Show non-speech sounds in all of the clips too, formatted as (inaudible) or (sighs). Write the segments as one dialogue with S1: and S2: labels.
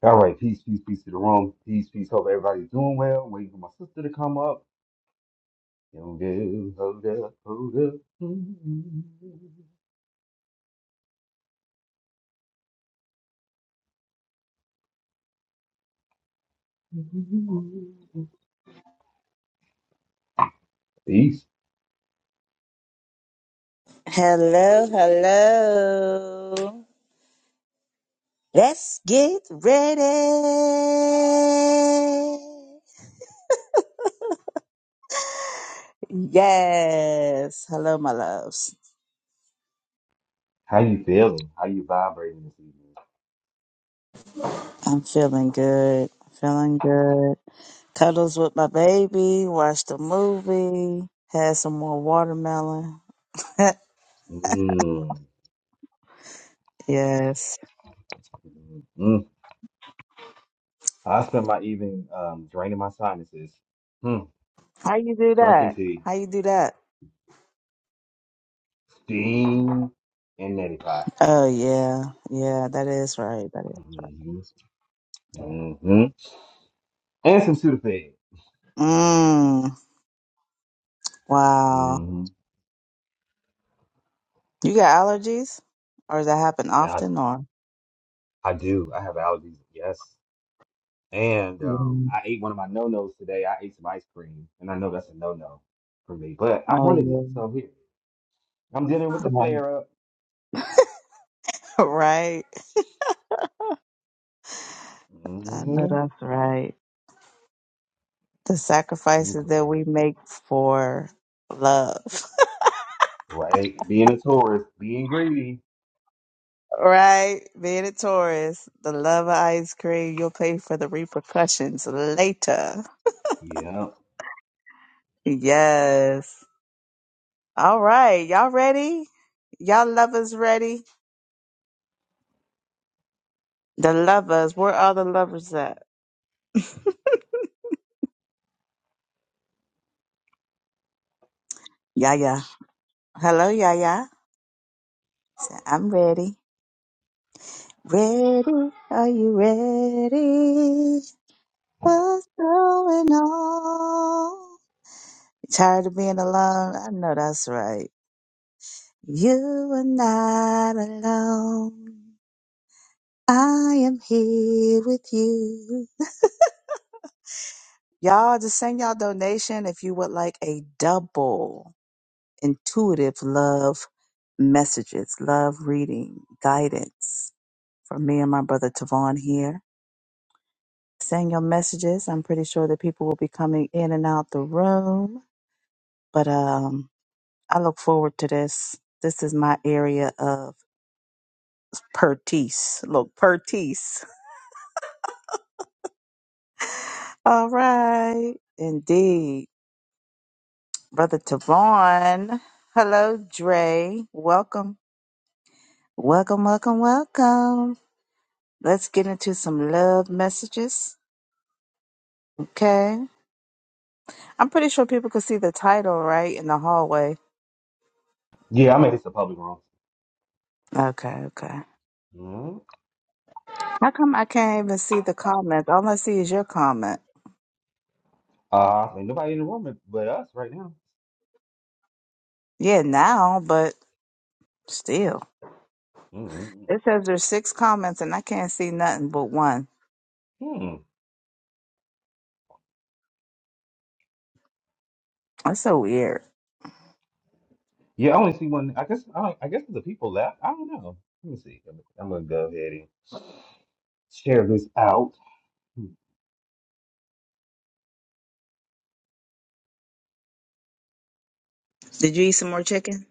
S1: All right, peace, peace, peace to the room. Peace, peace. Hope everybody's doing well. Waiting for my sister to come up. Yo, girl, hold up, hold up. Mm. Peace.
S2: Hello, hello. Let's get ready. Yes. Hello, my loves.
S1: How you feeling? How you vibrating this
S2: I'm feeling good. Feeling good. Cuddles with my baby. Watched a movie. Had some more watermelon.
S1: evening? Mm.
S2: Yes.
S1: Mm. I spent my evening um, draining my sinuses, mm.
S2: How you do
S1: drinking
S2: that?
S1: tea,
S2: How you do that?
S1: steam, and neti pot,
S2: Oh yeah. Yeah, that is right. That is.
S1: hmm hmm and some Sudafed.
S2: Mmm. Wow.
S1: hmm
S2: You got allergies? Or does that happen
S1: I,
S2: often or?
S1: I do. I have allergies. Yes. And
S2: Yeah.
S1: um, I ate one of my no-nos today. I ate some ice cream, and I know that's a no-no for me, but I
S2: Oh,
S1: wanted it,
S2: yeah,
S1: so here I'm dealing with the
S2: right.
S1: flare up.
S2: (laughs) right? I know
S1: Mm-hmm.
S2: that's right. The
S1: I'm
S2: sacrifices that
S1: glad.
S2: we make for love, (laughs)
S1: Right, being a tourist, being greedy.
S2: right? Being a Taurus, the love of ice cream, you'll pay for the repercussions later.
S1: Yeah,
S2: Yes. All right. Y'all ready? Y'all lovers ready? The lovers. Where are the lovers at? Yaya. Hello, Yaya. Say, I'm ready. Ready. Are you ready? What's going on? Tired of being alone? I know that's right. You are not alone. I am here with you. Y'all just send y'all donation if you would like a double intuitive love messages, love reading, guidance from me and my brother Tavon here. Send your messages. I'm pretty sure that people will be coming in and out the room. But um I look forward to this. This is my area of pertise. Look, pertise. (laughs) All right. Indeed. Brother Tavon. Hello, Dre. Welcome. Welcome, welcome, welcome. Let's get into some love messages. Okay. I'm pretty sure people can see the title, right? In the hallway.
S1: yeah. I made this a public room.
S2: Okay, okay.
S1: Mm-hmm.
S2: How come I can't even see the comments? All I see is your comment.
S1: Uh, ain't nobody in the room but but us right now.
S2: Yeah, now, but still.
S1: Mm-hmm.
S2: It says there's six comments and I can't see nothing but one.
S1: Hmm.
S2: That's so weird.
S1: Yeah, I only see one. I guess I, I guess the people left. I don't know. Let me see. I'm, I'm gonna go ahead and share this out.
S2: Did you eat some more chicken?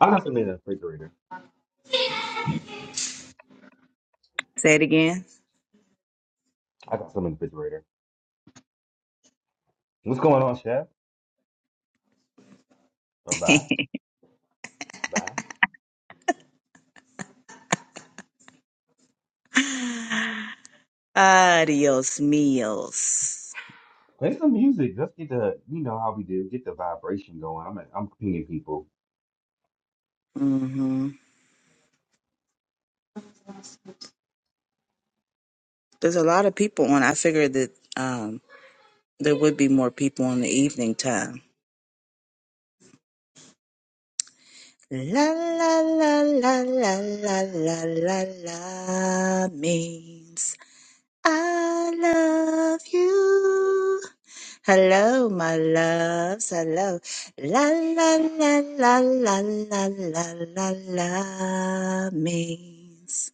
S1: I got some in the refrigerator.
S2: Say it again.
S1: I got some in the refrigerator. What's going on, Chef? Or
S2: (laughs)
S1: bye, bye.
S2: Adios meals.
S1: Play some music. Let's get the, you know how we do, get the vibration going. I'm, I'm pinging people.
S2: hmm There's a lot of people on. I figured that um, there would be more people in the evening time. La la la la la la la la la means. I love you. Hello, my loves. Hello. La la la la la la la la la means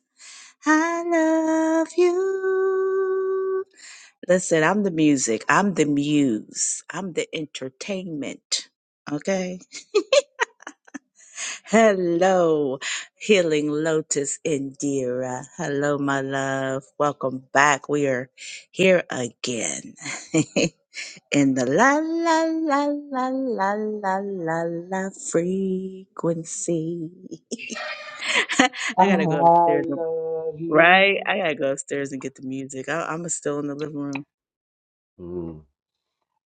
S2: I love you. Listen, I'm the music. I'm the muse. I'm the entertainment. Okay. Hello, Healing Lotus Indira. Hello, my love. Welcome back. We are here again (laughs) in the la la la la la la la la frequency. (laughs)
S1: I
S2: I gotta go upstairs,
S1: love
S2: and- right?
S1: you.
S2: I gotta go upstairs and get the music. I, I'm still in the living room.
S1: Mm.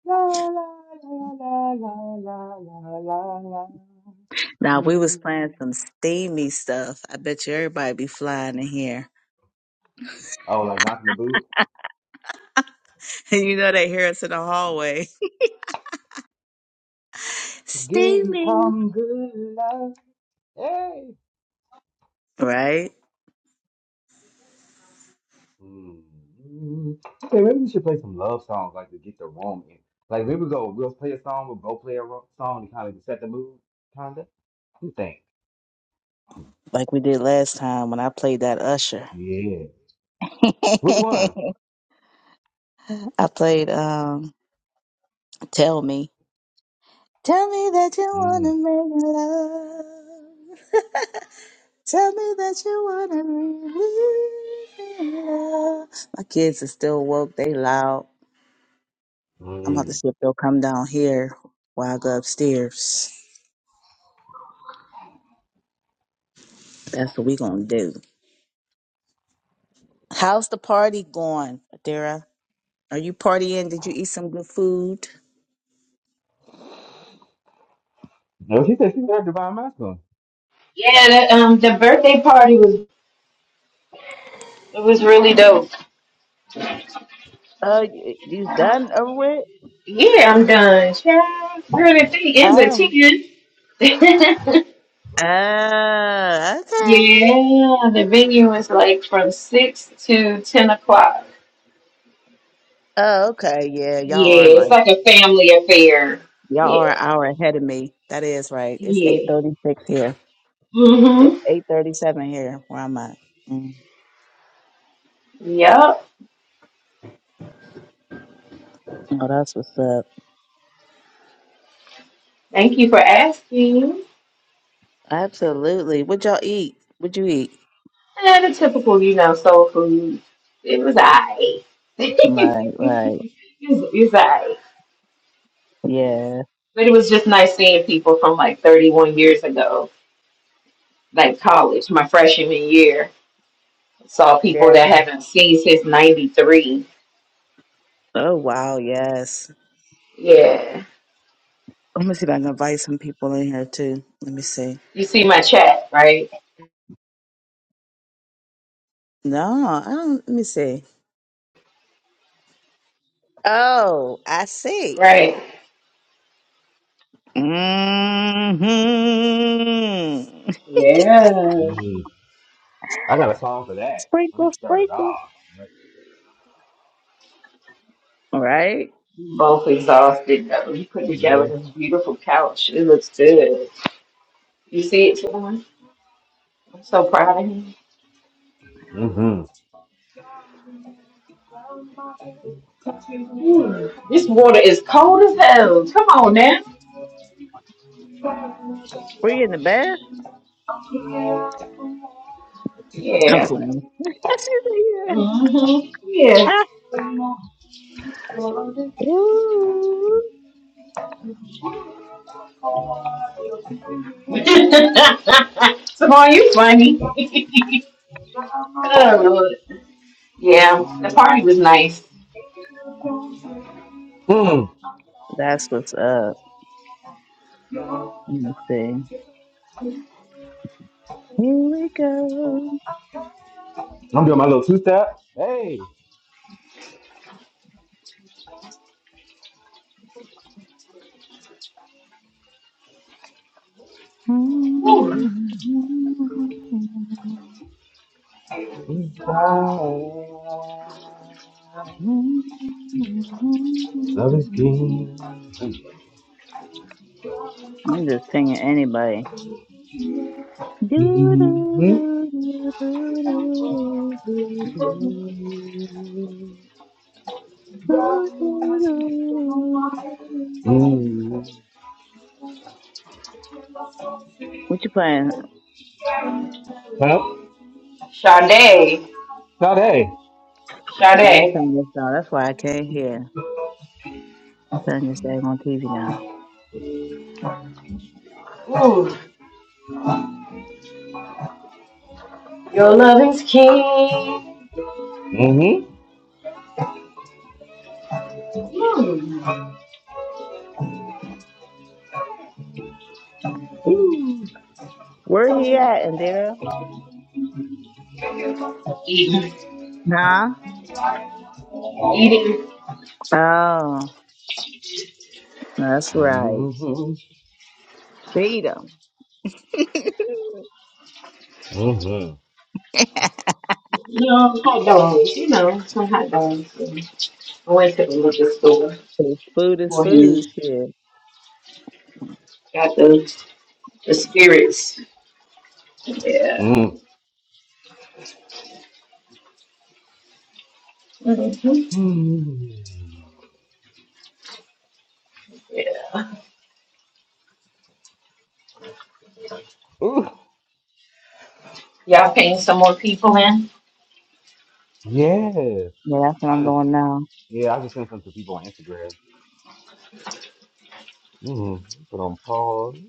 S1: La la la la la la la la la.
S2: Now we was
S1: Mm.
S2: playing some steamy stuff. I bet you everybody be flying in here.
S1: Oh, like knocking the boot.
S2: (laughs) you know they hear us in the hallway.
S1: Get
S2: Stealing.
S1: hungry, love.
S2: Right?
S1: Mm. Mm. Okay, maybe we should play some love songs like to get the room in. Like here we go. We'll play a song. We'll both play a ro- song to kind of set the mood. Kinda. What You think?
S2: Like we did last time when I played that Usher.
S1: Yeah.
S2: (laughs) I
S1: Which one?
S2: played um Tell Me. Tell me that you
S1: Mm.
S2: wanna make love. (laughs) Tell me that you wanna believe in love. My kids are still woke, they loud. I'm about to
S1: Mm.
S2: see if they'll come down here while I go upstairs. That's what we gonna do. How's the party going, Adira? Are you partying? Did you eat some good food?
S1: No, she said she heard Divine Masculine.
S3: Yeah, that, um, the birthday party was it was really dope.
S2: Uh, y- you done over with?
S3: Yeah, I'm done. Child, Girl, the thing is a
S2: Oh.
S3: ten. (laughs)
S2: Ah, okay.
S3: yeah, the venue is like from six to ten o'clock.
S2: Oh, okay. Yeah, y'all
S3: Yeah,
S2: are
S3: it's
S2: like
S3: like a family affair.
S2: y'all are
S3: Yeah,
S2: an hour ahead of me. That is right. It's eight
S3: yeah.
S2: thirty six here. It's
S3: Mhm.
S2: eight thirty seven here where I'm at. Mm.
S3: Yep.
S2: Oh, that's what's up.
S3: Thank you for asking.
S2: Absolutely. What y'all eat? What'd you eat?
S3: And the typical, you know, soul food. It was alright. (laughs)
S2: Right, right.
S3: it was, it was alright.
S2: Yeah.
S3: But it was just nice seeing people from like 31 years ago, like college, my freshman year. Saw
S2: Yeah.
S3: people that haven't seen since 93.
S2: Oh wow, yes.
S3: Yeah.
S2: Let me see if I can invite some people in here too. Let me see.
S3: You see my chat, right?
S2: No, I don't let me see. Oh, I see.
S3: Right.
S2: Mm-hmm.
S3: Yeah.
S1: Mm. I got a song for that. Let
S2: Sprinkle,
S1: me start it
S2: sprinkle.
S1: off. Like,
S2: All right.
S3: Both exhausted though. You put together
S1: yeah.
S3: this beautiful couch. It looks good. You see it, Siobhan? I'm so proud of him.
S1: Mm-hmm.
S3: Whew. This water is cold as hell. Come on now.
S2: Were you in the bath? I'm
S3: Yeah.
S2: playing. (laughs) Mhm. yeah.
S3: hmm Yeah.
S2: Ah. Ooh.
S3: (laughs) Simone, you funny. (laughs) oh, Lord. Yeah, the party was nice.
S1: Mm.
S2: That's what's up. Let me see. Here we go.
S1: I'm doing my little two step. Hey.
S3: Ooh.
S2: Mm-hmm.
S1: Love is king.
S2: I'm just pinging anybody.
S1: hmm
S2: Do, do,
S1: mm
S2: do, do, do, do, do, do, do. (laughs) What you playing?
S1: Huh?
S3: Sade.
S1: Not hey.
S2: i let me
S3: Sade.
S2: turn this down. That's why I can't hear. Turn this thing on TV now.
S3: Ooh. Your loving's king.
S1: Mm-hmm.
S3: Ooh.
S1: Ooh.
S2: Where he
S1: Mm-hmm.
S2: at, Indira?
S3: Eating.
S2: Huh?
S3: Eating.
S2: Oh, that's right. Beat him.
S1: Mm-hmm.
S3: You know, hot dogs. You know, some hot dogs. I went to the liquor store
S2: (laughs) food is
S3: for him.
S2: food. Shit.
S3: Got the, the spirits. Yeah. hmm
S1: Mm-hmm.
S3: Yeah.
S1: Ooh.
S3: Y'all paying some more people in?
S1: Yeah.
S2: Yeah, that's what
S1: I
S2: I'm
S1: just
S2: doing now.
S1: yeah, I just sent some to people on Instagram. Mm-hmm. Put on pause.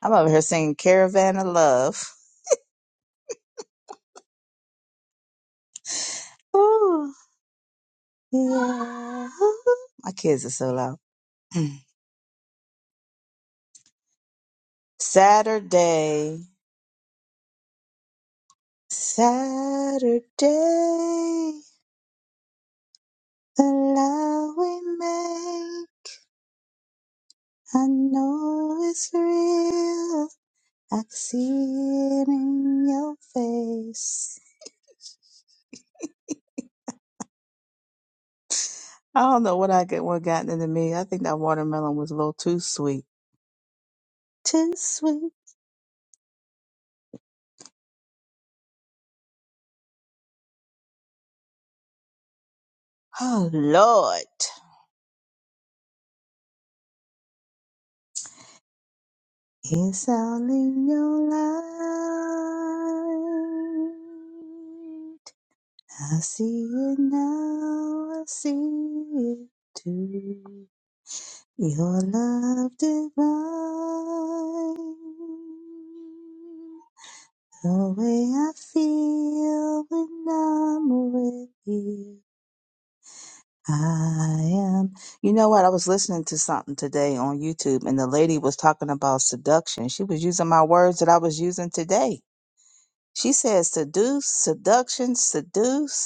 S2: I'm over here singing Caravan of Love. Ooh, (laughs) yeah. My kids are so loud. (clears throat) Saturday. Saturday. The love we made, I know it's real. I can see it in your face. I don't know what I get what gotten into me. I think that watermelon was a little too sweet. Too sweet. Oh Lord. It's all in your light. I see it now. I see it too. Your love divine, the way I feel when I'm with you. I am. You know what? I was listening to something today on YouTube, and the lady was talking about seduction. She was using my words that I was using today. She said seduce, seduction, seduce.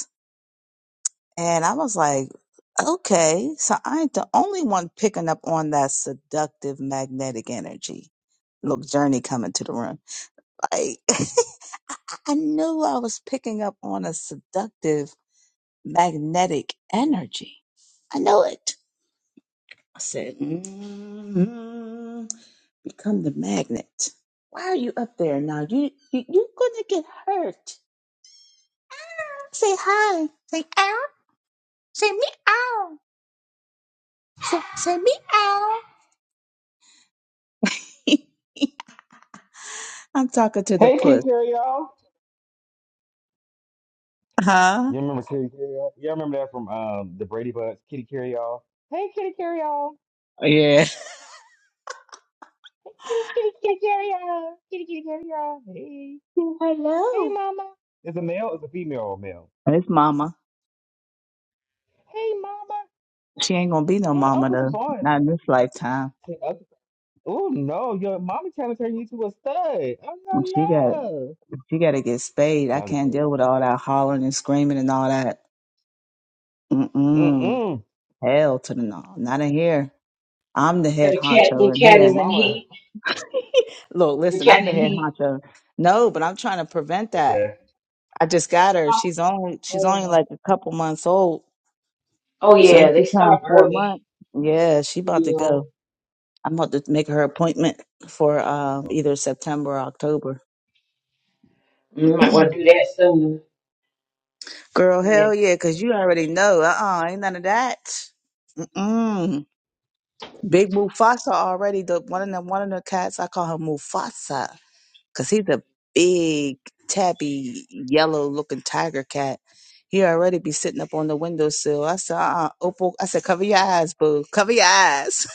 S2: And I was like, okay, so I ain't the only one picking up on that seductive magnetic energy. Look, Journey coming to the room. Like, (laughs) I I knew I was picking up on a seductive magnetic energy. I know it. I said, mm become the magnet. Why are you up there now? You, you you're gonna get hurt. Say hi. Say ow. Say meow. Say, say meow. (laughs) I'm talking to the
S1: Hey Kitty
S2: puss.
S1: Carry Y'all.
S2: Huh?
S1: You remember Kitty Carry Y'all? Yeah, I remember that from um the Brady Bunch, Kitty Carry Y'all. Hey Kitty Carry Y'all.
S2: Yeah.
S1: Hey Kitty Kitty Kitty Carry Y'all. Kitty Kitty Carry Y'all. Hey.
S2: Hello.
S1: Is a male? Is a female or male?
S2: It's mama.
S1: Hey, mama.
S2: She ain't gonna be no
S1: Hey,
S2: mama
S1: Uncle
S2: though. Not
S1: Tavon.
S2: in this lifetime.
S1: Oh no, your mommy trying to turn you to a stud. Oh no,
S2: She got
S1: no.
S2: she gotta get spayed. I
S1: Not just
S2: can't
S1: playing.
S2: deal with all that hollering and screaming and all that. Mm-mm.
S1: Mm-mm.
S2: Hell to the no. Not in here. I'm the
S3: So
S2: head
S3: the cat, the
S2: honcho in
S3: cat
S1: Your
S3: is
S2: here.
S3: in
S1: mama.
S3: heat.
S2: (laughs) Look,
S3: The
S2: listen, I'm
S3: cat
S2: the
S3: in
S2: head
S3: heat.
S2: honcho. No, but I'm trying to prevent that.
S1: Okay.
S2: I just got her. She's only she's only
S3: Oh,
S2: like a couple months old
S3: oh
S2: Soon as
S3: yeah,
S2: she
S3: they
S2: turns
S3: start
S2: four
S3: early.
S2: months, yeah, she about to
S3: Yeah,
S2: go. I'm about to make her appointment for um, either September or October.
S3: you might want to
S2: (clears throat)
S3: do that soon.
S2: Girl,
S3: Yeah.
S2: hell yeah, 'cause you already know. Uh uh ain't none of that. Mm. Big Mufasa already. The one of them, one of the cats. I call her Mufasa, 'cause he's a big tabby yellow looking tiger cat. He already be sitting up on the windowsill. I said, uh, uh Opal. I said, cover your eyes, boo. Cover your eyes,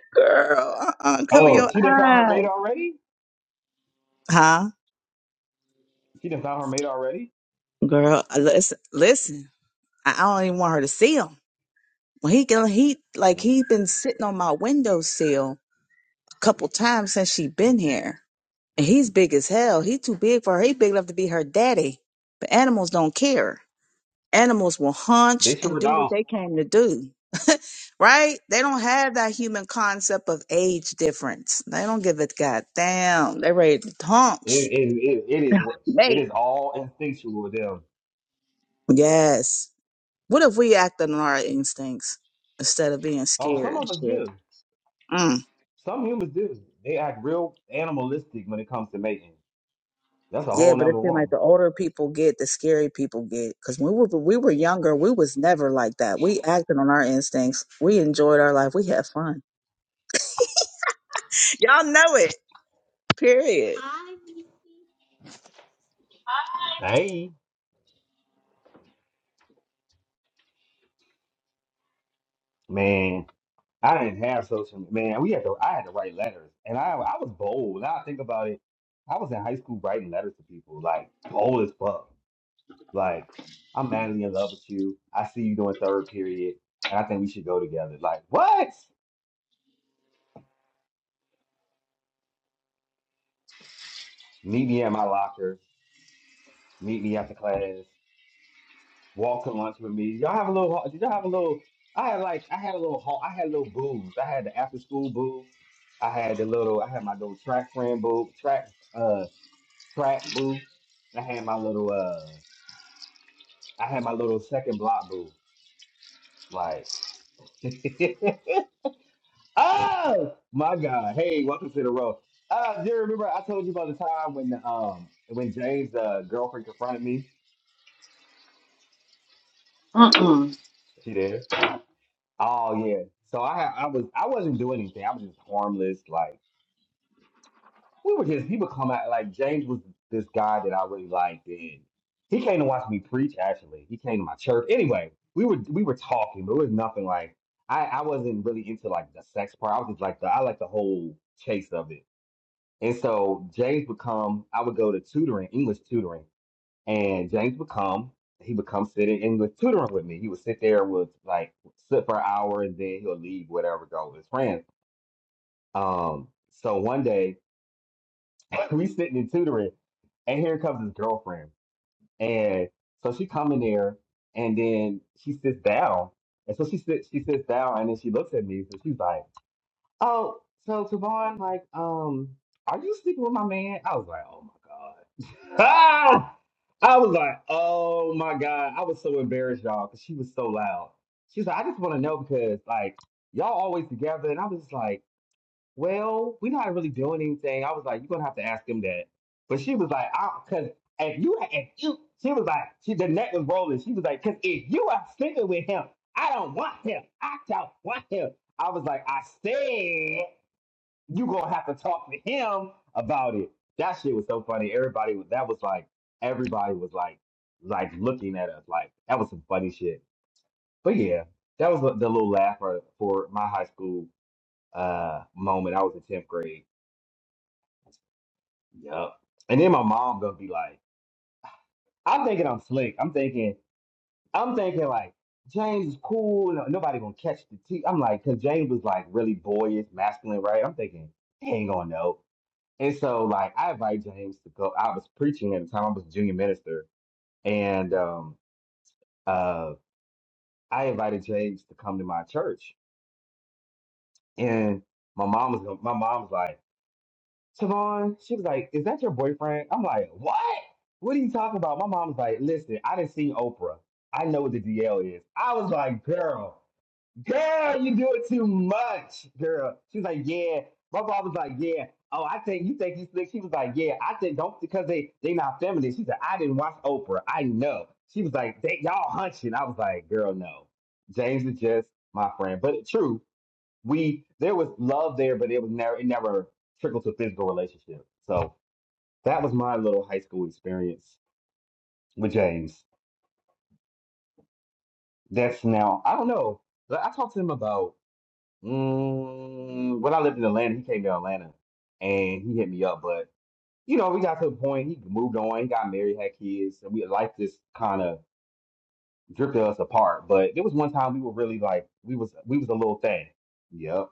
S2: (laughs) girl. Uh, uh cover
S1: Oh,
S2: your
S1: she done found her
S2: eyes.
S1: mate already.
S2: Huh,
S1: She done found her mate already.
S2: girl? uh, Listen, listen. I I don't even want her to see him. When he get he like
S1: Mm.
S2: he been sitting on my windowsill a couple times since she been here, and he's big as hell. He too big for her. He big enough to be her daddy. But animals don't care. Animals will hunch
S1: They
S2: and
S1: sure
S2: do what
S1: don't.
S2: they came to do. (laughs) right? They don't have that human concept of age difference. They don't give a goddamn. They ready to
S1: It,
S2: hunch.
S1: it, it, it is worse. It
S2: Mate.
S1: is all instinctual with them.
S2: Yes. What if we acted on our instincts instead of being
S1: Oh,
S2: scared
S1: some
S2: and
S1: of us
S2: shit?
S1: do.
S2: Mm.
S1: Some humans do. They act real animalistic when it comes to mating. That's a
S2: Yeah,
S1: whole
S2: but it
S1: nother
S2: seems like
S1: room.
S2: the older people get, the scary people get. Because when we were, we were younger, we was never like that. We acted on our instincts. We enjoyed our life. We had fun. Y'all know it. Period.
S1: Hey, man. I didn't have social media. Man, we had to. I had to write letters, and I I was bold. Now I think about it, I was in high school writing letters to people, like bold as fuck. Like I'm madly in love with you. I see you doing third period, and I think we should go together. Like what? Meet me at my locker. Meet me after class. Walk to lunch with me. Y'all have a little. Did y'all have a little? I had like I had a little. hall- I had little booze. I had the after school boo. I had the little. I had my little track friend boo. Track. uh, track boo. I had my little uh I had my little second block boo. Like (laughs) Oh my god. Hey, welcome to the road. Uh do you remember I told you about the time when um when James uh girlfriend confronted me?
S3: Mm-mm.
S1: She did. Oh yeah. So I I was I wasn't doing anything. I was just harmless, like we were just he would come out like James was this guy that I really liked and he came to watch me preach actually. He came to my church. Anyway, we were we were talking, but it was nothing like I, I wasn't really into like the sex part. I was just like the I like the whole chase of it. And so James would come, I would go to tutoring, English tutoring, and James would come, he would come sit in English tutoring with me. He would sit there with like sit for an hour and then he'll leave, whatever, go with his friends. Um so one day (laughs) we sitting in tutoring, and here comes his girlfriend. And so she come in there, and then she sits down. And so she sits, she sits down, and then she looks at me, and she's like, "Oh, so Tavon, like, um, are you sleeping with my man?" I was like, "Oh my god!" (laughs) Ah! I was like, "Oh my god!" I was so embarrassed, y'all, because she was so loud. She's like, "I just want to know because like y'all always together," and I was just like well, we're not really doing anything. I was like, you're gonna have to ask him that. But she was like, I because if you if you she was like, she the neck was rolling. She was like, because if you are sleeping with him, I don't want him. I don't want him. I was like, I said you gonna have to talk to him about it. That shit was so funny. Everybody was that was like everybody was like like looking at us like that was some funny shit. But yeah, that was the the little laugh for, for my high school uh moment. I was in tenth grade Yep. And then my mom gonna be like, I'm thinking I'm slick. I'm thinking, I'm thinking like James is cool. no- Nobody gonna catch the tea. I'm like, cause James was like really boyish, masculine, right? I'm thinking he ain't gonna know. And so like I invite James to go. I was preaching at the time. I was a junior minister, and um uh I invited James to come to my church. And my mom was my mom was like. Tavon, she was like, Is that your boyfriend? I'm like, What? What are you talking about? My mom's like, Listen, I didn't see Oprah. I know what the DL is. I was like, Girl, girl, you do it too much, girl. She was like, Yeah. My mom was like, Yeah. Oh, I think you think you slick. She was like, Yeah, I think don't because they they not feminist. She said, I didn't watch Oprah. I know. She was like, they, y'all hunching. I was like, girl, no. James is just my friend. But true, we there was love there, but it was never it never trickled to a physical relationship. So that was my little high school experience with James. That's now I don't know. Like, I talked to him about mm, when I lived in Atlanta. He came to Atlanta and he hit me up, but you know we got to a point. He moved on. He got married, had kids, and we life just kind of drifted us apart. But there was one time we were really like we was we was a little thing. Yep.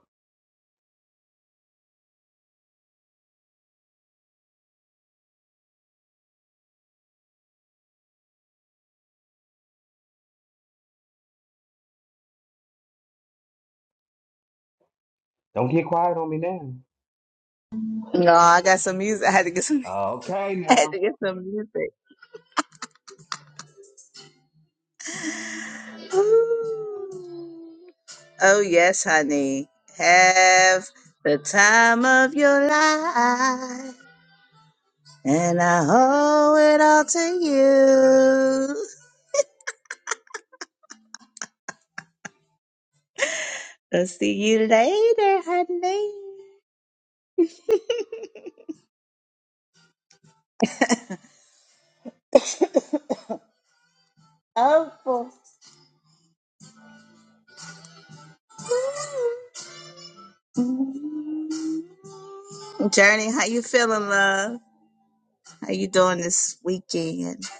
S1: Don't get quiet on me now.
S2: No, I got some music. I had to get some.
S1: Okay
S2: (laughs) I had to
S1: now.
S2: get some music. Ooh. Oh yes, honey. Have the time of your life. And I owe it all to you. I'll see you later, honey. Oh, boy. Journey, how you feeling, love? How you doing this weekend? (laughs)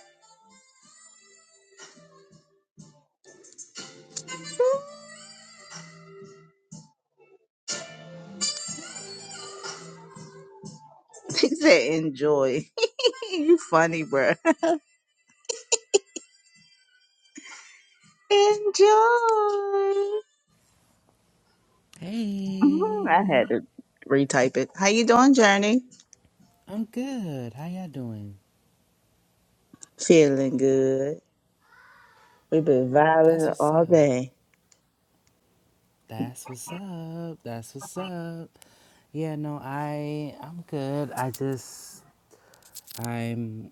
S2: He said, enjoy. (laughs) you funny, bruh. Enjoy. Mhm, I had
S4: Hey,
S2: to retype it. How you doing, Journey?
S4: I'm good. How y'all doing?
S2: Feeling good. We've been
S4: That's
S2: vibing
S4: what's
S2: all
S4: up.
S2: day.
S4: That's what's up. That's what's up. Yeah, no, I I'm good. I just I'm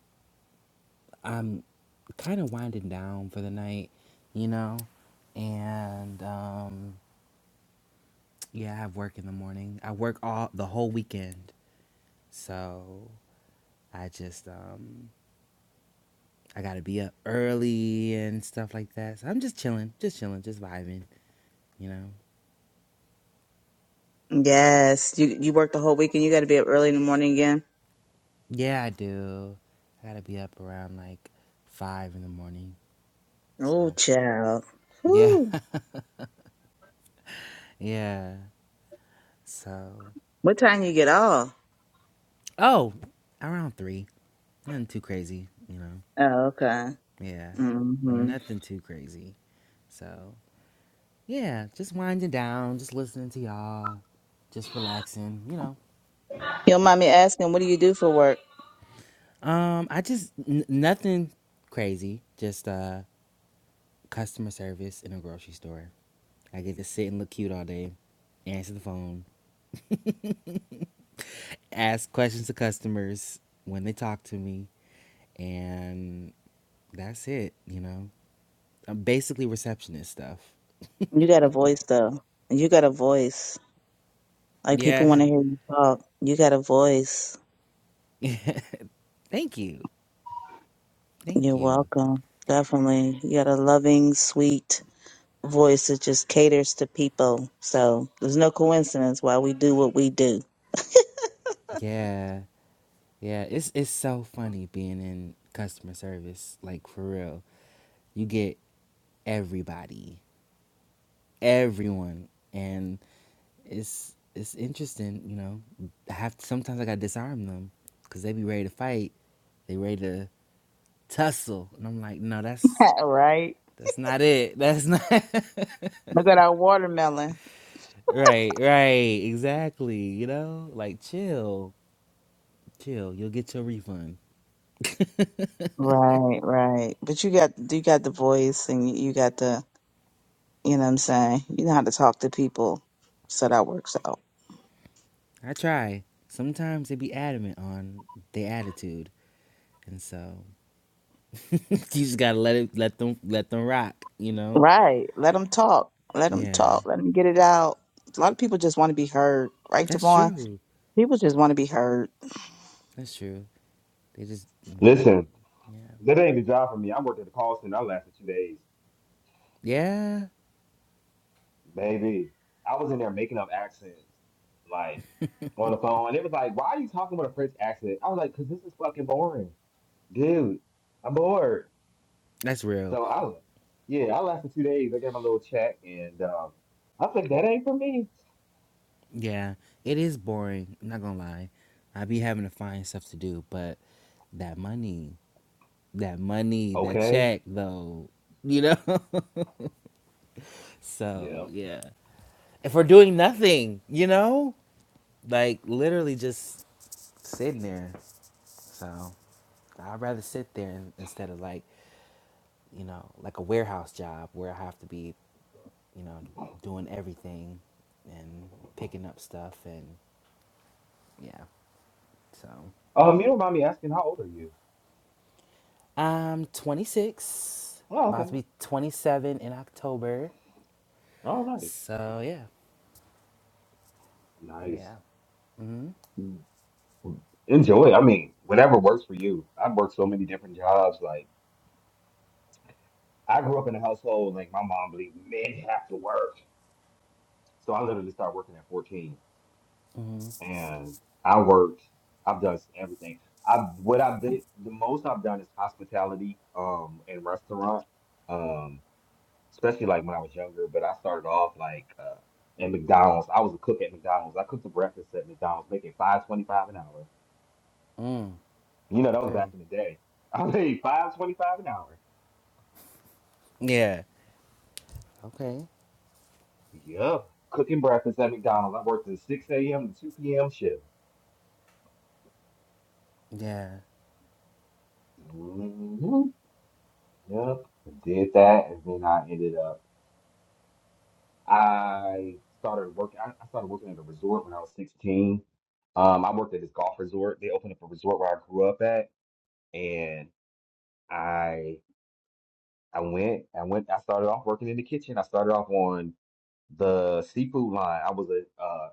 S4: I'm kind of winding down for the night, you know, and um yeah, I have work in the morning. I work all the whole weekend, so I just um I gotta be up early and stuff like that. So I'm just chilling, just chilling, just vibing, you know.
S2: Yes, you you work the whole week and you got to be up early in the morning again.
S4: Yeah, I do. I gotta be up around like five in the morning.
S2: Oh,
S4: So
S2: child.
S4: yeah,
S2: Whew.
S4: (laughs) yeah. So
S2: What time you get off?
S4: oh, around three. Nothing too crazy, you know.
S2: Oh, okay.
S4: Yeah,
S2: Mm-hmm.
S4: nothing too crazy. So yeah, just winding down, just listening to y'all, just relaxing, you know.
S2: You don't mind me asking, what do you do for work?
S4: Um, I just n- nothing crazy. Just uh, customer service in a grocery store. I get to sit and look cute all day, answer the phone, ask questions to customers when they talk to me, and that's it. You know, I'm basically receptionist stuff.
S2: You got a voice though. You got a voice. Like people want
S4: Yeah.
S2: to hear
S4: (laughs)
S2: you talk. You got a voice.
S4: Thank you.
S2: You're
S4: Thank you.
S2: welcome. Definitely. You got a loving, sweet. voice it just caters to people so there's no coincidence why we do what we do
S4: Yeah. Yeah. It's it's so funny being in customer service. Like for real, you get everybody, everyone, and it's it's interesting. You know, I have sometimes I gotta disarm them because they be ready to fight. They ready to tussle. And I'm like, no, that's
S2: (laughs) right?
S4: that's not it. That's not (laughs)
S2: Look at our watermelon.
S4: right, right, exactly. You know, like chill, chill. You'll get your refund.
S2: Right, right. But you got you got the voice and you you got the you know what I'm saying. You know how to talk to people, so that works out.
S4: I try. Sometimes they be adamant on their attitude, and so (laughs) you just gotta let it, let them, let them rock. You know.
S2: Right. Let them talk. Let them
S4: Yeah,
S2: talk. Let them get it out. A lot of people just want to be heard, right,
S4: that's
S2: Devon?
S4: true.
S2: People just want to be heard.
S4: That's true. They just wanna,
S1: Listen.
S4: yeah,
S1: That ain't the job for me. I worked at the call center. I lasted two days,
S4: yeah.
S1: baby. I was in there making up accents, like on the phone, and it was like, "Why are you talking with a French accent?" I was like, "Cause this is fucking boring, dude. I'm bored."
S4: That's real.
S1: So I was, yeah, I lasted two days. I got my little check, and um, I said, "That ain't for me."
S4: Yeah, it is boring. I'm not gonna lie. I be having to find stuff to do, but that money, that money, that
S1: Okay,
S4: check, though, you know? (laughs) so,
S1: yeah.
S4: yeah. And for doing nothing, you know? Like, literally just sitting there. So, I'd rather sit there in- instead of, like, you know, like a warehouse job where I have to be, you know, doing everything and picking up stuff and, yeah. So.
S1: Um, you don't mind me asking, how old are you?
S4: I'm 26,
S1: Oh,
S4: about
S1: okay.
S4: to be 27 in October.
S1: Oh, nice,
S4: So yeah,
S1: nice.
S4: yeah. Mm,
S1: Enjoy. I mean, whatever works for you. I've worked so many different jobs, like. I grew up in a household like my mom believed men have to work. So I literally started working at 14
S4: mm,
S1: and I worked. I've done everything. I what I've did the most I've done is hospitality um and restaurant. Um especially like when I was younger, but I started off like uh at McDonald's. I was a cook at McDonald's. I cooked the breakfast at McDonald's making 5.25 an hour.
S4: mm.
S1: You know, that was back
S4: okay.
S1: in the day. (laughs) I made 5.25 an hour.
S4: Yeah. Okay.
S1: Yup. Cooking breakfast at McDonald's. I worked a 6 a.m. to 2 p.m. shift.
S4: Yeah.
S1: hmm Yep. Did that, and then I ended up. I started working. I, I started working at a resort when I was 16. Um, I worked at this golf resort. They opened up a resort where I grew up at, and I I went. I went. I started off working in the kitchen. I started off on the seafood line. I was a uh,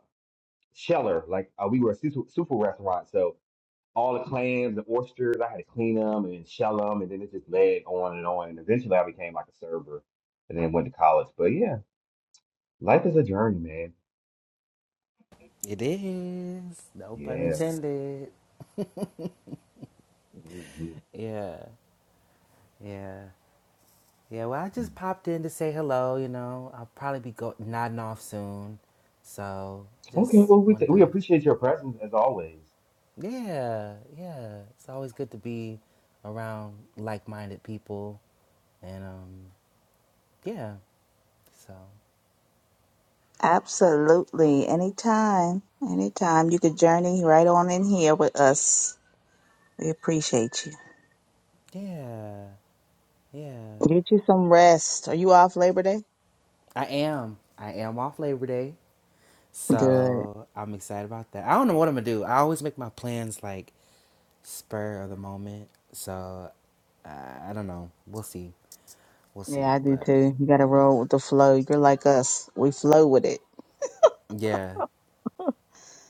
S1: sheller. Like uh, we were a seafood, seafood restaurant, so all the clams and oysters. I had to clean them and shell them, and then it just led on and on. And eventually, I became like a server, and then went to college. But yeah, life is a journey, man.
S4: It is. No pun
S1: Yeah.
S4: intended.
S1: hmm
S4: Yeah. Yeah. Yeah. Well, I just popped in to say hello. You know, I'll probably be go- nodding off soon. So
S1: Okay.
S4: just
S1: Well, we
S4: wanted
S1: th we
S4: to
S1: appreciate your presence as always.
S4: Yeah, yeah. It's always good to be around like-minded people, and um, yeah. So,
S2: Absolutely. Anytime. Anytime. You could journey right on in here with us. We appreciate you.
S4: yeah, yeah.
S2: Get you some rest. Are you off Labor Day?
S4: I am. I am off Labor Day,
S2: Good.
S4: so I'm excited about that. I don't know what I'm gonna do. I always make my plans like spur of the moment, so uh, I don't know. We'll see. We'll
S2: Yeah,
S4: see.
S2: I do
S4: But
S2: too. You gotta roll with the flow. You're like us. We flow with it.
S4: yeah,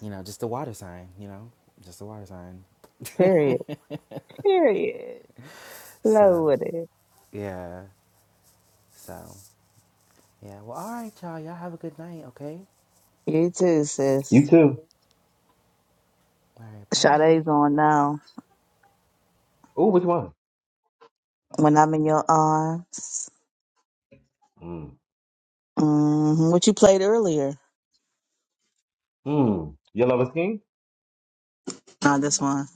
S4: you know, just the water sign. You know, just the water sign.
S2: Period. Period. Flow
S4: So
S2: with it.
S4: yeah. So. Yeah. Well, all right, y'all. Y'all have a good night. Okay.
S2: You too,
S1: You
S2: sis.
S1: too.
S4: All right. Bye.
S2: Sade's on now.
S1: Oh, which one?
S2: When I'm in your arms.
S1: Mm.
S2: hmm What you played earlier?
S1: Mm. Your love is king.
S2: Not this one.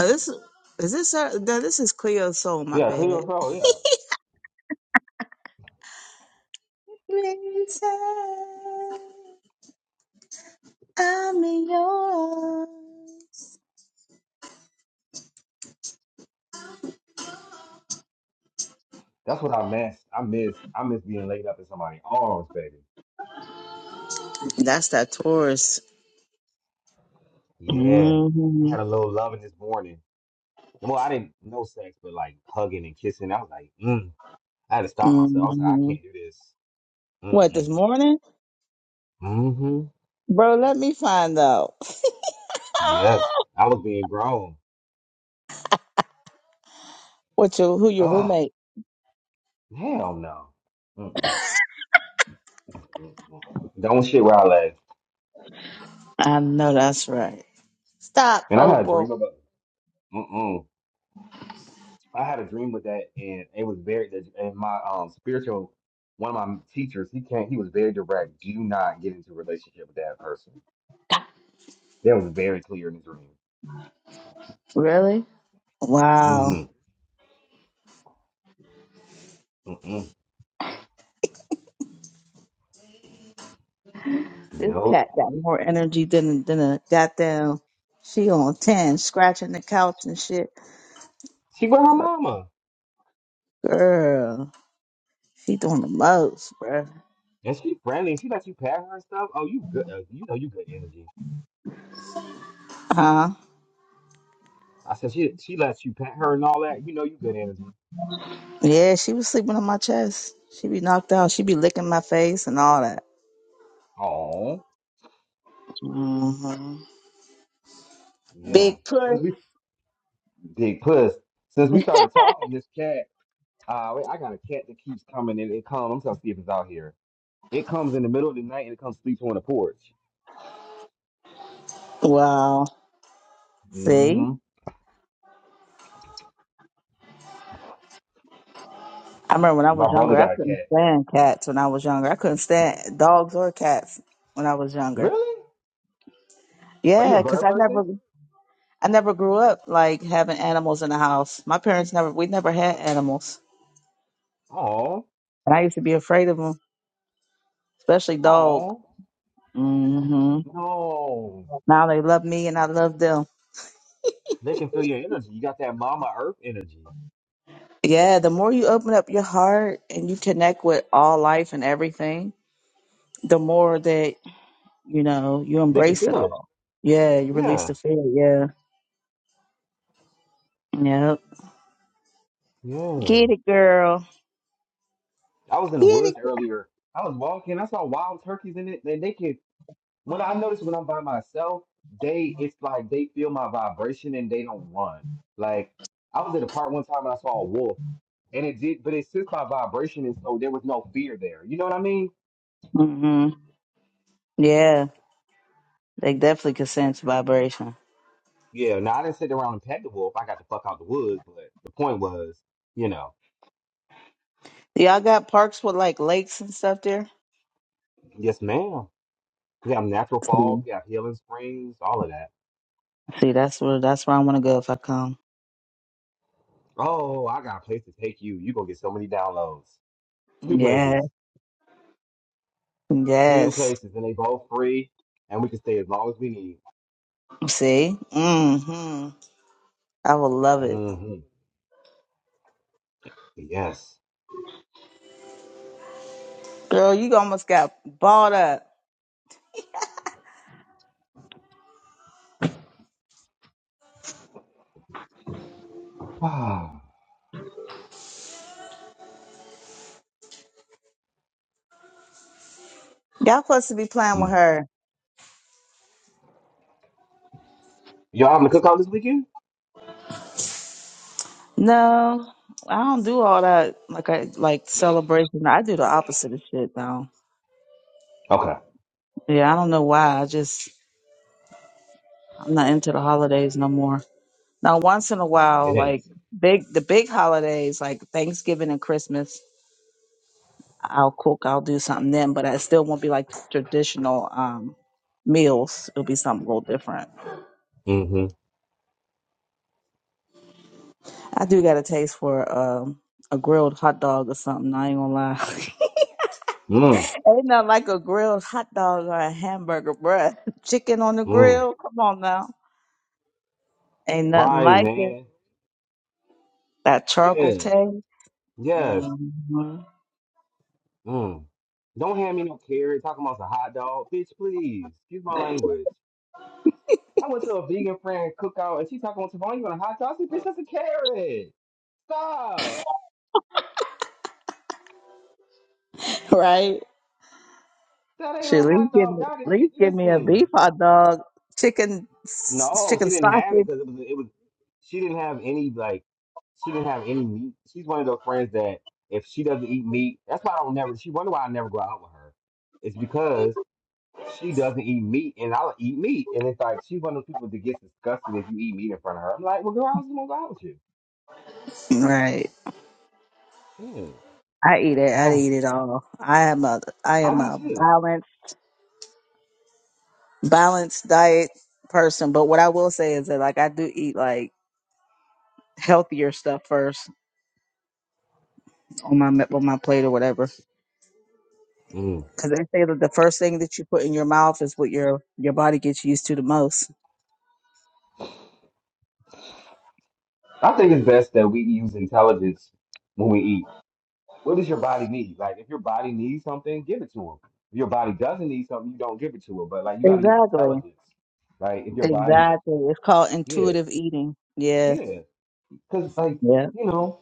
S2: Oh, this is this. her- No, this is Cleo's soul. My
S1: Yeah, Cleo
S2: bad.
S1: Pro. Yeah,
S2: Lisa, I'm in your arms.
S1: that's what I missed. I miss. I miss being laid up in somebody's arms, baby.
S2: That's that Taurus.
S1: Yeah, I
S2: hmm
S1: had a little loving this morning. Well, I didn't know sex, but like hugging and kissing. I was like, mm. I had to stop myself. I was like, I
S2: hmm
S1: can't do this.
S2: What
S1: Mm-mm.
S2: this morning,
S1: Mm-hmm.
S2: bro? Let me find out.
S1: Yes.
S2: (laughs)
S1: I was being grown.
S2: what your who your
S1: Oh,
S2: roommate?
S1: hell no. Mm-mm. Mm-mm. Don't shit where I lay.
S2: I know that's right. Stop,
S1: And I had a
S2: Opal.
S1: dream about Mm-mm. I had a dream with that, and it was very, and my um spiritual, one of my teachers, he can't, he was very direct. Do not get into a relationship with that person. That was very clear in the
S2: Really? Wow.
S1: dream. Mm-hmm. Mm-mm.
S2: This cat
S1: Nope.
S2: got more energy than than a goddamn. She on ten, scratching the couch and shit.
S1: She with her mama.
S2: Girl, she doing the most, bruh.
S1: And she friendly. She lets you pat her and stuff. Oh, you good. Uh, you know you good energy.
S2: Huh?
S1: I said she she lets you pet her and all that. You know you good energy.
S2: Yeah, she was sleeping on my chest. She be knocked out. She be licking my face and all that.
S1: Oh,
S2: hmm
S1: Yeah.
S2: Big push.
S1: Since we big puss. Since we started talking, this cat. Uh, wait, I got a cat that keeps coming and it comes. I'm trying to see if it's out here. It comes in the middle of the night and it comes sleeps on the porch.
S2: Wow. See,
S1: hmm
S2: I remember when I
S1: My
S2: was
S1: brother
S2: younger, I
S1: got a
S2: couldn't
S1: cat.
S2: stand cats. When I was younger, I couldn't stand dogs or cats. When I was younger,
S1: Really? Are you a
S2: yeah, because
S1: bird
S2: I
S1: person?
S2: never, I never grew up like having animals in the house. My parents never, we never had animals,
S1: Oh,
S2: and I used to be afraid of them, especially dog.
S1: oh,
S2: hmm
S1: no.
S2: Now they love me, and I love them.
S1: They can feel your energy. You got that mama earth energy.
S2: Yeah, the more you open up your heart and you connect with all life and everything, the more that you know you
S1: They can
S2: embrace it
S1: feel it.
S2: all. Yeah, you release
S1: Yeah,
S2: the fear. Yeah, yeah.
S1: yeah.
S2: Get it, girl.
S1: I was in the
S2: Get it.
S1: woods earlier. I was walking. I saw wild turkeys in it, and they can. When I notice when I'm by myself, they it's like they feel my vibration and they don't run. Like I was at a park one time and I saw a wolf, and it did, but it sensed my vibration, and so there was no fear there. You know what I mean?
S2: hmm Yeah, they definitely could sense vibration.
S1: Yeah. Now I didn't sit around and pet the wolf. I got the fuck out the woods, but the point was, you know,
S2: Y'all got parks with like lakes and stuff there.
S1: yes, ma'am. We have natural
S2: See,
S1: falls, we have healing springs, all of that.
S2: See, that's where that's where I want to go if I come.
S1: Oh, I got a place to take you. You gonna get so many downloads. Two
S2: Yeah.
S1: places. Two
S2: Yes.
S1: places, and they both free, and we can stay as long as we need.
S2: See. hmm I will love it,
S1: hmm Yes.
S2: girl. You almost got balled up.
S1: (sighs)
S2: Y'all supposed to be playing with
S1: Mm.
S2: her.
S1: Y'all having a cookout this weekend?
S2: No, I don't do all that. Like I like celebration. I do the opposite of shit though.
S1: Okay.
S2: Yeah, I don't know why. I just I'm not into the holidays no more. Now, once in a
S1: It
S2: while, like
S1: is.
S2: big the big holidays like Thanksgiving and Christmas, I'll cook. I'll do something then, but I still won't be like traditional um, meals. It'll be something a little different.
S1: Mm-hmm.
S2: I do got a taste for um, a grilled hot dog or something. I ain't gonna lie.
S1: Mm.
S2: (laughs) ain't nothing like a grilled hot dog or a hamburger, bruh. (laughs) Chicken on the
S1: Mm.
S2: grill. Come on now. Ain't nothing
S1: Right,
S2: like it.
S1: man.
S2: That charcoal
S1: Yeah.
S2: taste.
S1: Yes.
S2: hmm
S1: Mm. Don't hand me no carrot talking about a hot dog. Bitch, please. Excuse my language. I went to a vegan friend cookout and she talking about Tavon, you want a hot dog? I said, bitch, that's a carrot. Stop.
S2: Right?
S1: That ain't
S2: Shoot,
S1: no
S2: at least
S1: hot
S2: give
S1: dog.
S2: me,
S1: God is
S2: at least give me a
S1: listen.
S2: beef hot dog, chicken, s-
S1: No,
S2: chicken
S1: she didn't have it
S2: sausage.
S1: because it was it was she didn't have any like she didn't have any meat. She's one of those friends that if she doesn't eat meat, that's why I don't never. She wonder why I never go out with her. It's because she doesn't eat meat, and I'll eat meat, and it's like she's one of those people that gets disgusted if you eat meat in front of her. I'm like, well, girl, I was gonna go out with
S2: Right.
S1: you.
S2: I eat it. I
S1: Yeah,
S2: eat it all. I am a, I
S1: (sighs) I
S2: am
S1: do
S2: a
S1: too.
S2: balanced, balanced diet person. But what I will say is that like I do eat like healthier stuff first on my me- on my plate or whatever.
S1: Mm.
S2: Because they say that the first thing that you put in your mouth is what your your body gets used to the most.
S1: I think it's best that we use intelligence when we eat. what does your body need? Like, if your body needs something, give it to them. If your body doesn't need something, you don't give it to it. But like, you got to use
S2: Exactly.
S1: intelligence. Like, if your body,
S2: Exactly. It's called
S1: yeah,
S2: intuitive eating. Yeah.
S1: yeah, because like,
S2: Yeah.
S1: you know,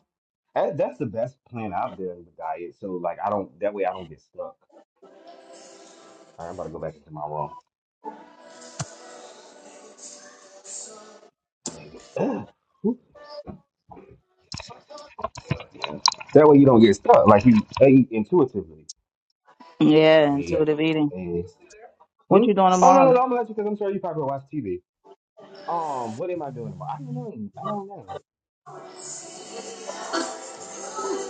S1: that, that's the best plan out there in the diet. So like, I don't that way I don't get stuck. All right, I'm about to go back into my room. I mean, (gasps) (clears throat) that way you don't get stuck. Like you eat intuitively.
S2: Yeah.
S1: Yeah.
S2: Intuitive eating.
S1: And-
S2: What
S1: hmm?
S2: you doing
S1: Oh no, no,
S2: tomorrow?
S1: no! I'm gonna let you because I'm sure you probably watch TV. Um, what am I doing tomorrow? I don't know. I don't know.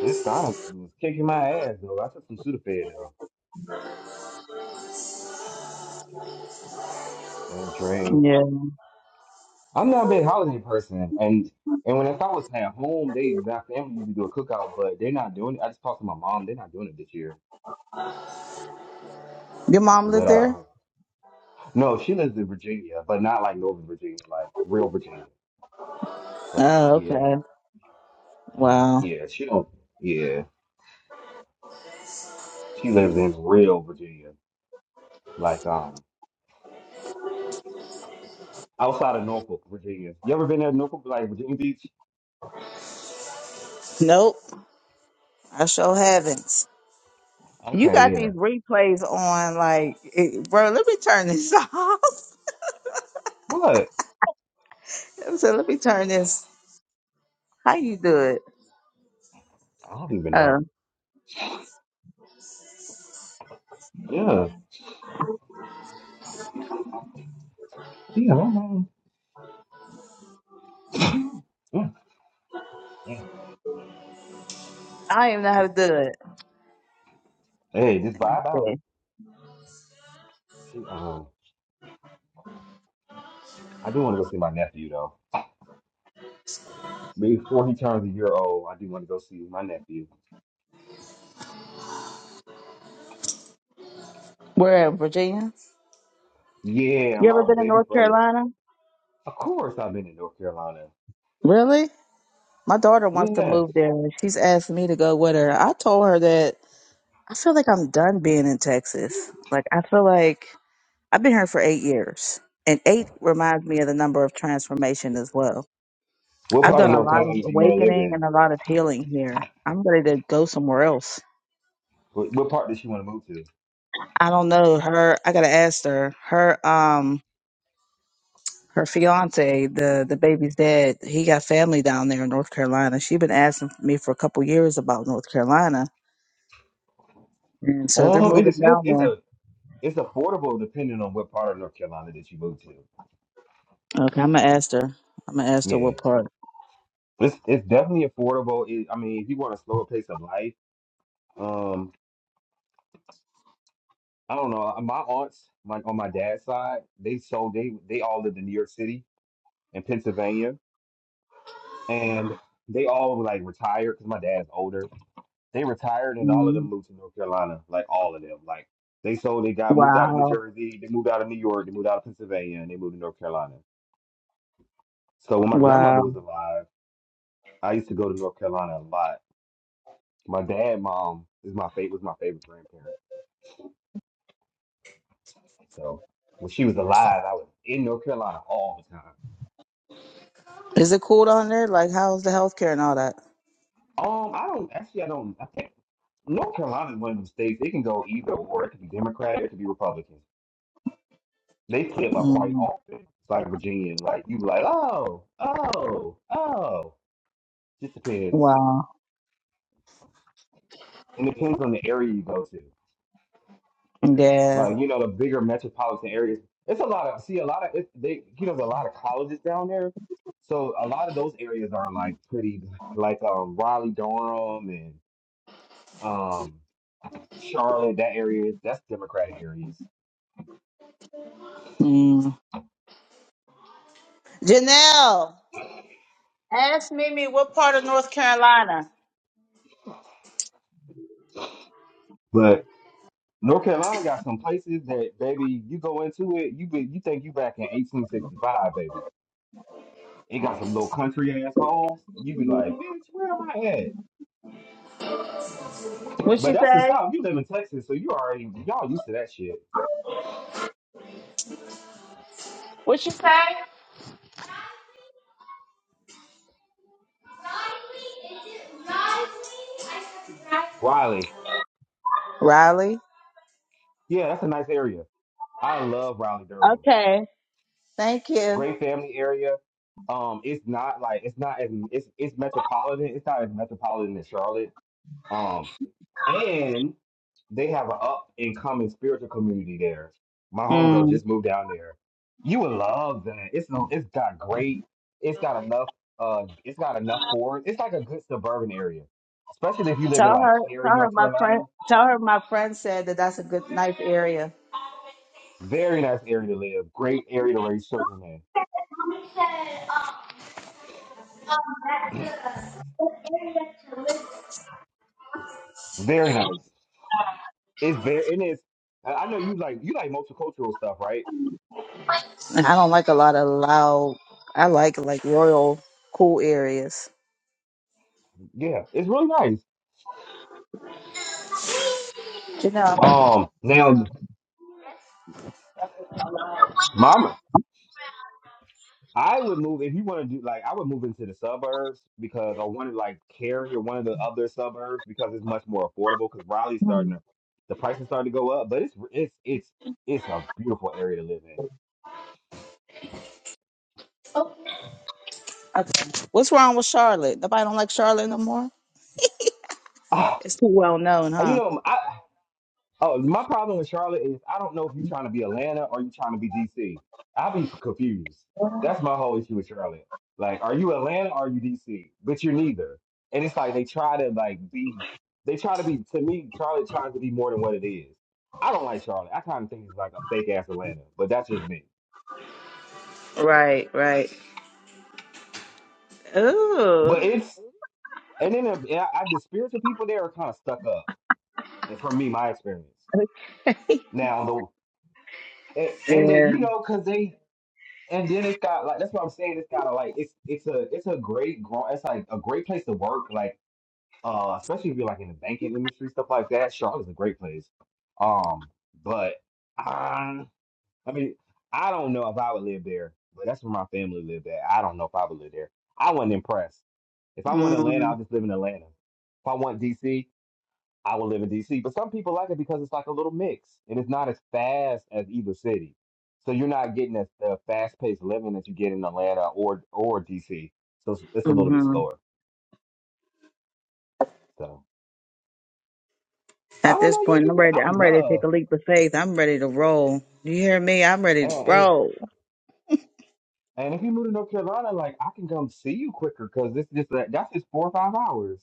S1: This honest was kicking my ass though. I took some Sudafed though, and it's rain.
S2: Yeah.
S1: I'm not a big holiday person, and and when if I was at home, they my family usually do a cookout, but they're not doing it. I just talked to my mom; they're not doing it this year.
S2: Your mom live
S1: But
S2: there?
S1: uh, no, she lives in Virginia, but not like Northern Virginia, like real Virginia. Like
S2: Oh,
S1: yeah,
S2: okay. Wow.
S1: yeah, she don't. Yeah, she lives in real Virginia, like um outside of Norfolk, Virginia. You ever been there, Norfolk, like Virginia Beach?
S2: Nope. I sure haven't. You
S1: Okay,
S2: got
S1: yeah.
S2: these replays on, like, it, bro. Let me turn this (laughs) off.
S1: What?
S2: I said, let me turn this. How you do it?
S1: I don't even
S2: Uh,
S1: know. Yeah. Yeah, I don't know. Yeah, yeah.
S2: I don't even know how to do it.
S1: Hey, just vibe out.
S2: Yeah.
S1: She, um, I do want to go see my nephew though. Before he turns a year old, I do want to go see my nephew.
S2: Where at Virginia?
S1: Yeah,
S2: You ever
S1: my
S2: been in
S1: baby
S2: North
S1: brother.
S2: Carolina?
S1: Of course, I've been in North Carolina.
S2: Really? My daughter wants to
S1: Yeah.
S2: move there. She's asked me to go with her. I told her that I feel like I'm done being in Texas. Like I feel like I've been here for eight years, and eight reminds me of the number of transformation as well.
S1: What
S2: I've
S1: part
S2: done
S1: of
S2: a
S1: North
S2: lot of
S1: Carolina do you want to live
S2: awakening
S1: in?
S2: and a lot of healing here. I'm ready to go somewhere else.
S1: What, what part does she want to move to?
S2: I don't know her. I gotta ask her. Her um her fiance, the the baby's dad, he got family down there in North Carolina. she been asking me for a couple years about North Carolina, and so they're
S1: Um, it
S2: moving
S1: depends.
S2: down
S1: It's
S2: there.
S1: a it's affordable depending on what part of North Carolina that you move to.
S2: Okay, I'm gonna ask her. I'm gonna ask her
S1: Yeah,
S2: what part.
S1: it's it's definitely affordable. It, I mean, if you want a slower pace of life, um. I don't know. uh, My aunts, my on my dad's side, they sold they they all lived in New York City and Pennsylvania, and they all like retired because my dad's older. They retired and all of them
S2: Mm,
S1: moved to North Carolina, like all of them. Like they sold, they got moved out of New
S2: wow,
S1: Jersey, they moved out of New York, they moved out of Pennsylvania, and they moved to North Carolina. So when my grandmother
S2: wow.
S1: was alive, I used to go to North Carolina a lot. My dad, mom is my favorite was my favorite grandparent. So when she was alive, I was in North Carolina all the time.
S2: Is it cool down there? Like, how's the healthcare and all that?
S1: Um, I don't actually. I don't. I think North Carolina is one of them states. It can go either or. It can be Democrat. It can be Republican. They flip up quite
S2: Mm.
S1: often. It's like Virginia. Like you, be like oh, oh, oh. Just depends.
S2: Wow.
S1: And depends on the area you go to.
S2: Yeah.
S1: Like you know, the bigger metropolitan areas. It's a lot of see a lot of it, they. You know, there's a lot of colleges down there. So a lot of those areas are like pretty like um Raleigh, Durham, and um Charlotte. That area. That's Democratic areas.
S2: Mm. Janelle, ask Mimi what part of North Carolina.
S1: but. North Carolina got some places that, baby, you go into it, you be, you think you back in 1865, baby. It got some little country ass homes. You be like, bitch, where am I at?
S2: What
S1: But
S2: she
S1: that's the
S2: say?
S1: South. You live in Texas, so you already y'all used to that shit.
S2: What she say?
S1: Raleigh,
S2: Raleigh.
S1: yeah, that's a nice area. I love Raleigh, Durham.
S2: Okay. Thank you.
S1: Great family area. Um, it's not like it's not as it's it's metropolitan. It's not as metropolitan as Charlotte. Um. and they have an up and coming spiritual community there. My homegirl
S2: Mm.
S1: just moved down there. You would love that. It's no, it's got great. It's got enough. Uh, it's got enough for it. It's like a good suburban area, especially if you live in
S2: Tell
S1: like
S2: her.
S1: Cary,
S2: Tell her
S1: North
S2: my friend.
S1: Carolina.
S2: Tell her my friend said that that's a good knife area.
S1: Very nice area to live. Great area to raise children in. Very nice. It's very and it's. I I know you like you like multicultural stuff, right?
S2: I don't like a lot of loud. I like like royal cool areas.
S1: Yeah, it's really nice.
S2: Janelle.
S1: Um, now my I would move if you want to do like I would move into the suburbs because I wanted like Cary or one of the other suburbs because it's much more affordable because Raleigh's starting
S2: Mm.
S1: to the prices starting to go up, but it's it's it's it's a beautiful area to live in.
S2: Okay. What's wrong with Charlotte? Nobody don't like Charlotte no more.
S1: Ah,
S2: It's too well known,
S1: you
S2: huh?
S1: know, I Oh, my problem with Charlotte is I don't know if you're trying to be Atlanta or you're trying to be DC. I'll be confused. That's my whole issue with Charlotte. Like, are you Atlanta or are you DC? But you're neither. And it's like they try to like be. They try to be. To me, Charlotte tries to be more than what it is. I don't like Charlotte. I kind of think it's like a fake ass Atlanta, but that's just me.
S2: Right. Right. Ooh.
S1: But it's and then the, and I, I, the spiritual people there are kind of stuck up. And from me, my experience now, the and,
S2: Yeah.
S1: and they, you know, because they and then it's got like that's what I'm saying. It's got to like it's it's a it's a great gro- it's like a great place to work. Like uh, especially if you're like in the banking industry stuff like that. Charlotte's a great place. Um, but I I mean I don't know if I would live there, but that's where my family lived at. I don't know if I would live there. I wasn't impressed. If I want Atlanta,
S2: Mm,
S1: I'll just live in Atlanta. If I want DC, I would live in DC. But some people like it because it's like a little mix and it's not as fast as either city. So you're not getting as the fast paced living that you get in Atlanta or or DC. So it's, it's a little bit
S2: hmm
S1: slower. So I
S2: At
S1: don't
S2: this
S1: know. You
S2: point, I'm
S1: do it. I
S2: ready.
S1: would
S2: I'm ready to take
S1: love.
S2: a leap of faith. I'm ready to roll. You hear me? I'm ready
S1: And,
S2: to
S1: and
S2: roll.
S1: and if you move to North Carolina, like I can come see you quicker because this this that, that's just four or five hours.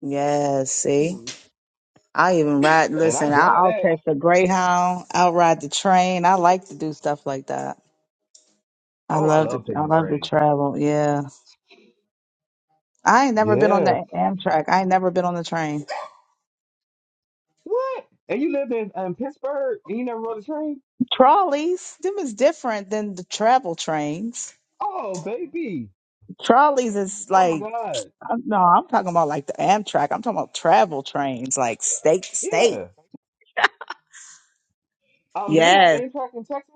S2: Yes. See,
S1: Hmm.
S2: I even ride.
S1: And I
S2: Listen, I,
S1: drive
S2: I'll
S1: that.
S2: catch the Greyhound. I'll ride the train. I like to do stuff like that. I
S1: Oh, I
S2: love to.
S1: love
S2: I
S1: taking the
S2: love to
S1: train.
S2: travel. Yeah. I ain't never been on
S1: Yeah.
S2: the Amtrak. I ain't never been on the train.
S1: What? And you live in um, Pittsburgh and you never rode the train?
S2: Trolleys, them is different than the travel trains.
S1: Oh, baby.
S2: Trolleys is
S1: Oh my
S2: like
S1: God.
S2: I'm- No, I'm talking about like the Amtrak. I'm talking about travel trains, like state to state.
S1: Yeah. Um, do they have
S2: Yes,
S1: Amtrak in Texas?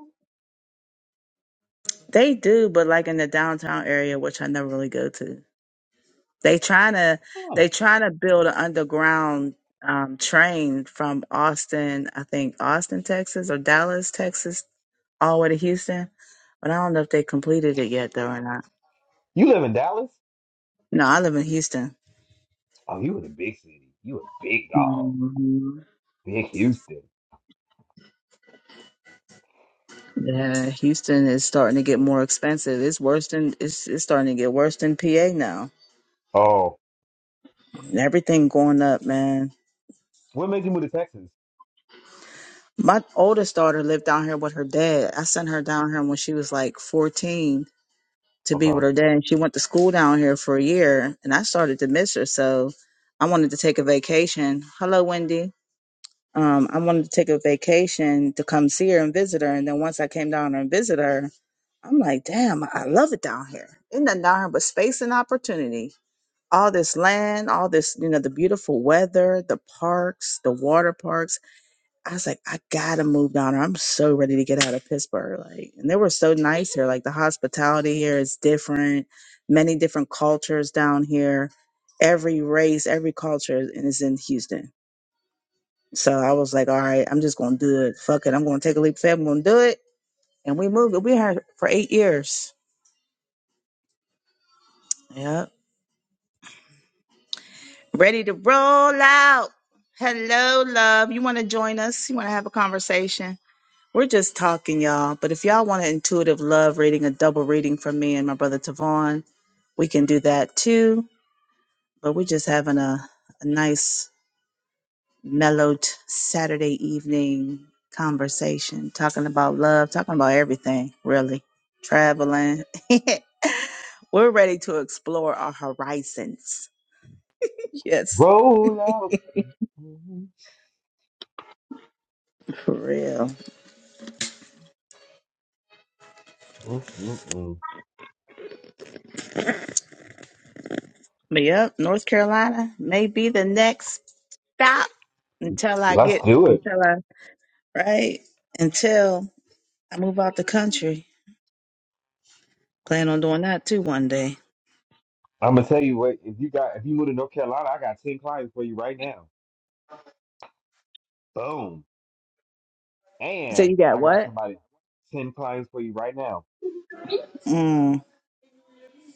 S2: they do, but like in the downtown area, which I never really go to. They trying to
S1: Huh.
S2: they trying to build an underground um, train from Austin, I think Austin, Texas, or Dallas, Texas, all the way to Houston. But I don't know if they completed it yet, though, or not.
S1: You live in Dallas?
S2: No, I live in Houston.
S1: Oh, you in a big city. You a big dog.
S2: hmm
S1: Big Houston.
S2: Yeah, Houston is starting to get more expensive. It's worse than it's it's starting to get worse than PA now.
S1: Oh.
S2: and everything going up, man.
S1: What made you move to Texas?
S2: My oldest daughter lived down here with her dad. I sent her down here when she was like 14 to be with
S1: Okay.
S2: her dad, and she went to school down here for a year, and I started to miss her. So I wanted to take a vacation. Hello, Wendy. Um, I wanted to take a vacation to come see her and visit her. And then once I came down here and visited her, I'm like, damn, I love it down here. Ain't nothing down here but space and opportunity. All this land, all this, you know, the beautiful weather, the parks, the water parks I was like, I gotta move down. there. I'm so ready to get out of Pittsburgh. Like, and they were so nice here. Like the hospitality here is different. Many different cultures down here. Every race, every culture is in Houston. So I was like, all right, I'm just gonna do it. Fuck it. I'm gonna take a leap. of faith. I'm gonna do it. And we moved. We had for eight years. Yep. Ready to roll out. Hello, love. You wanna join us? You wanna have a conversation? We're just talking, y'all. But if y'all want an intuitive love reading, a double reading from me and my brother Tavon, we can do that too. But we're just having a, a nice, mellowed Saturday evening conversation, talking about love, talking about everything, really. Traveling. (laughs) we're ready to explore our horizons. (laughs) yes,
S1: Roll out.
S2: for real.
S1: Mm-mm-mm.
S2: But yep, North Carolina may be the next stop until I
S1: Let's
S2: get
S1: do it.
S2: until I right? Until I move out the country. Plan on doing that too one day.
S1: I'm gonna tell you what, if you got if you move to North Carolina, I got 10 clients for you right now. Boom.
S2: So
S1: And
S2: you got
S1: I got
S2: what?
S1: somebody 10 clients for you right now.
S2: Mm.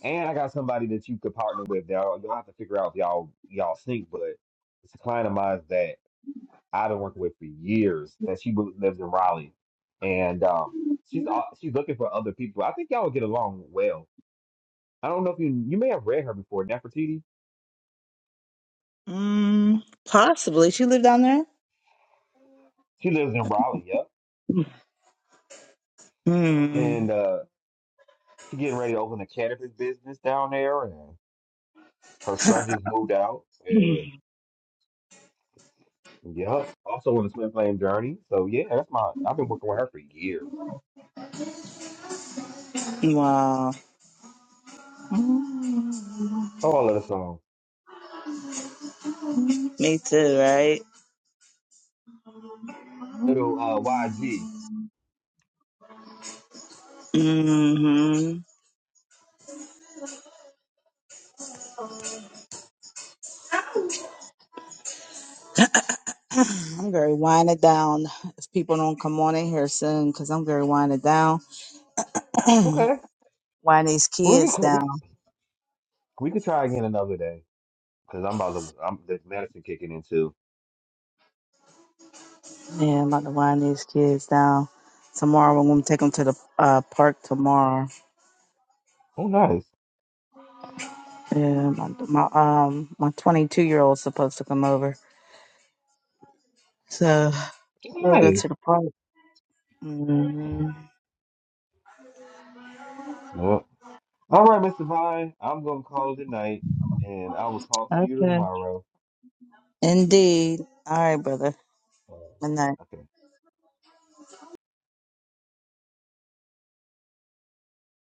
S1: And I got somebody that you could partner with. Y'all, y'all have to figure out if y'all y'all sync, but it's a client of mine that I've been working with for years that she bo- lives in Raleigh, and um, she's al- she's looking for other people. I think y'all would get along well. I don't know if you you may have read her before, Nefertiti.
S2: Mm. Possibly. She live down there?
S1: She lives in Raleigh, yep,
S2: Mm.
S1: and uh, she getting ready to open a cannabis business down there, and her son just moved out, and
S2: (laughs)
S1: yep, also on the Twin Flame journey. So yeah, that's my I've been working with her for years.
S2: Wow.
S1: Oh, I love the song,
S2: Me too, right?
S1: little uh, YG.
S2: hmm (sighs) I'm very winded down. If people don't come on in here soon, because I'm very winded down. (clears throat)
S1: Okay,
S2: wind these
S1: we
S2: kids
S1: can we,
S2: down.
S1: we could try again another day. Cause I'm about to, I'm there's medicine kicking in too.
S2: Yeah, I'm about to wind these kids down. Tomorrow, I'm going to take them to the uh, park tomorrow.
S1: Oh, nice.
S2: Yeah, my, my um my 22 year old's supposed to come over, so
S1: Oh,
S2: we'll go
S1: nice.
S2: to the park. hmm
S1: Yep. All right, Mr. Vine. I'm gonna call it a night, and I will talk to you
S2: Okay.
S1: tomorrow.
S2: Indeed. All right, brother.
S1: Uh,
S2: Good night.
S1: okay.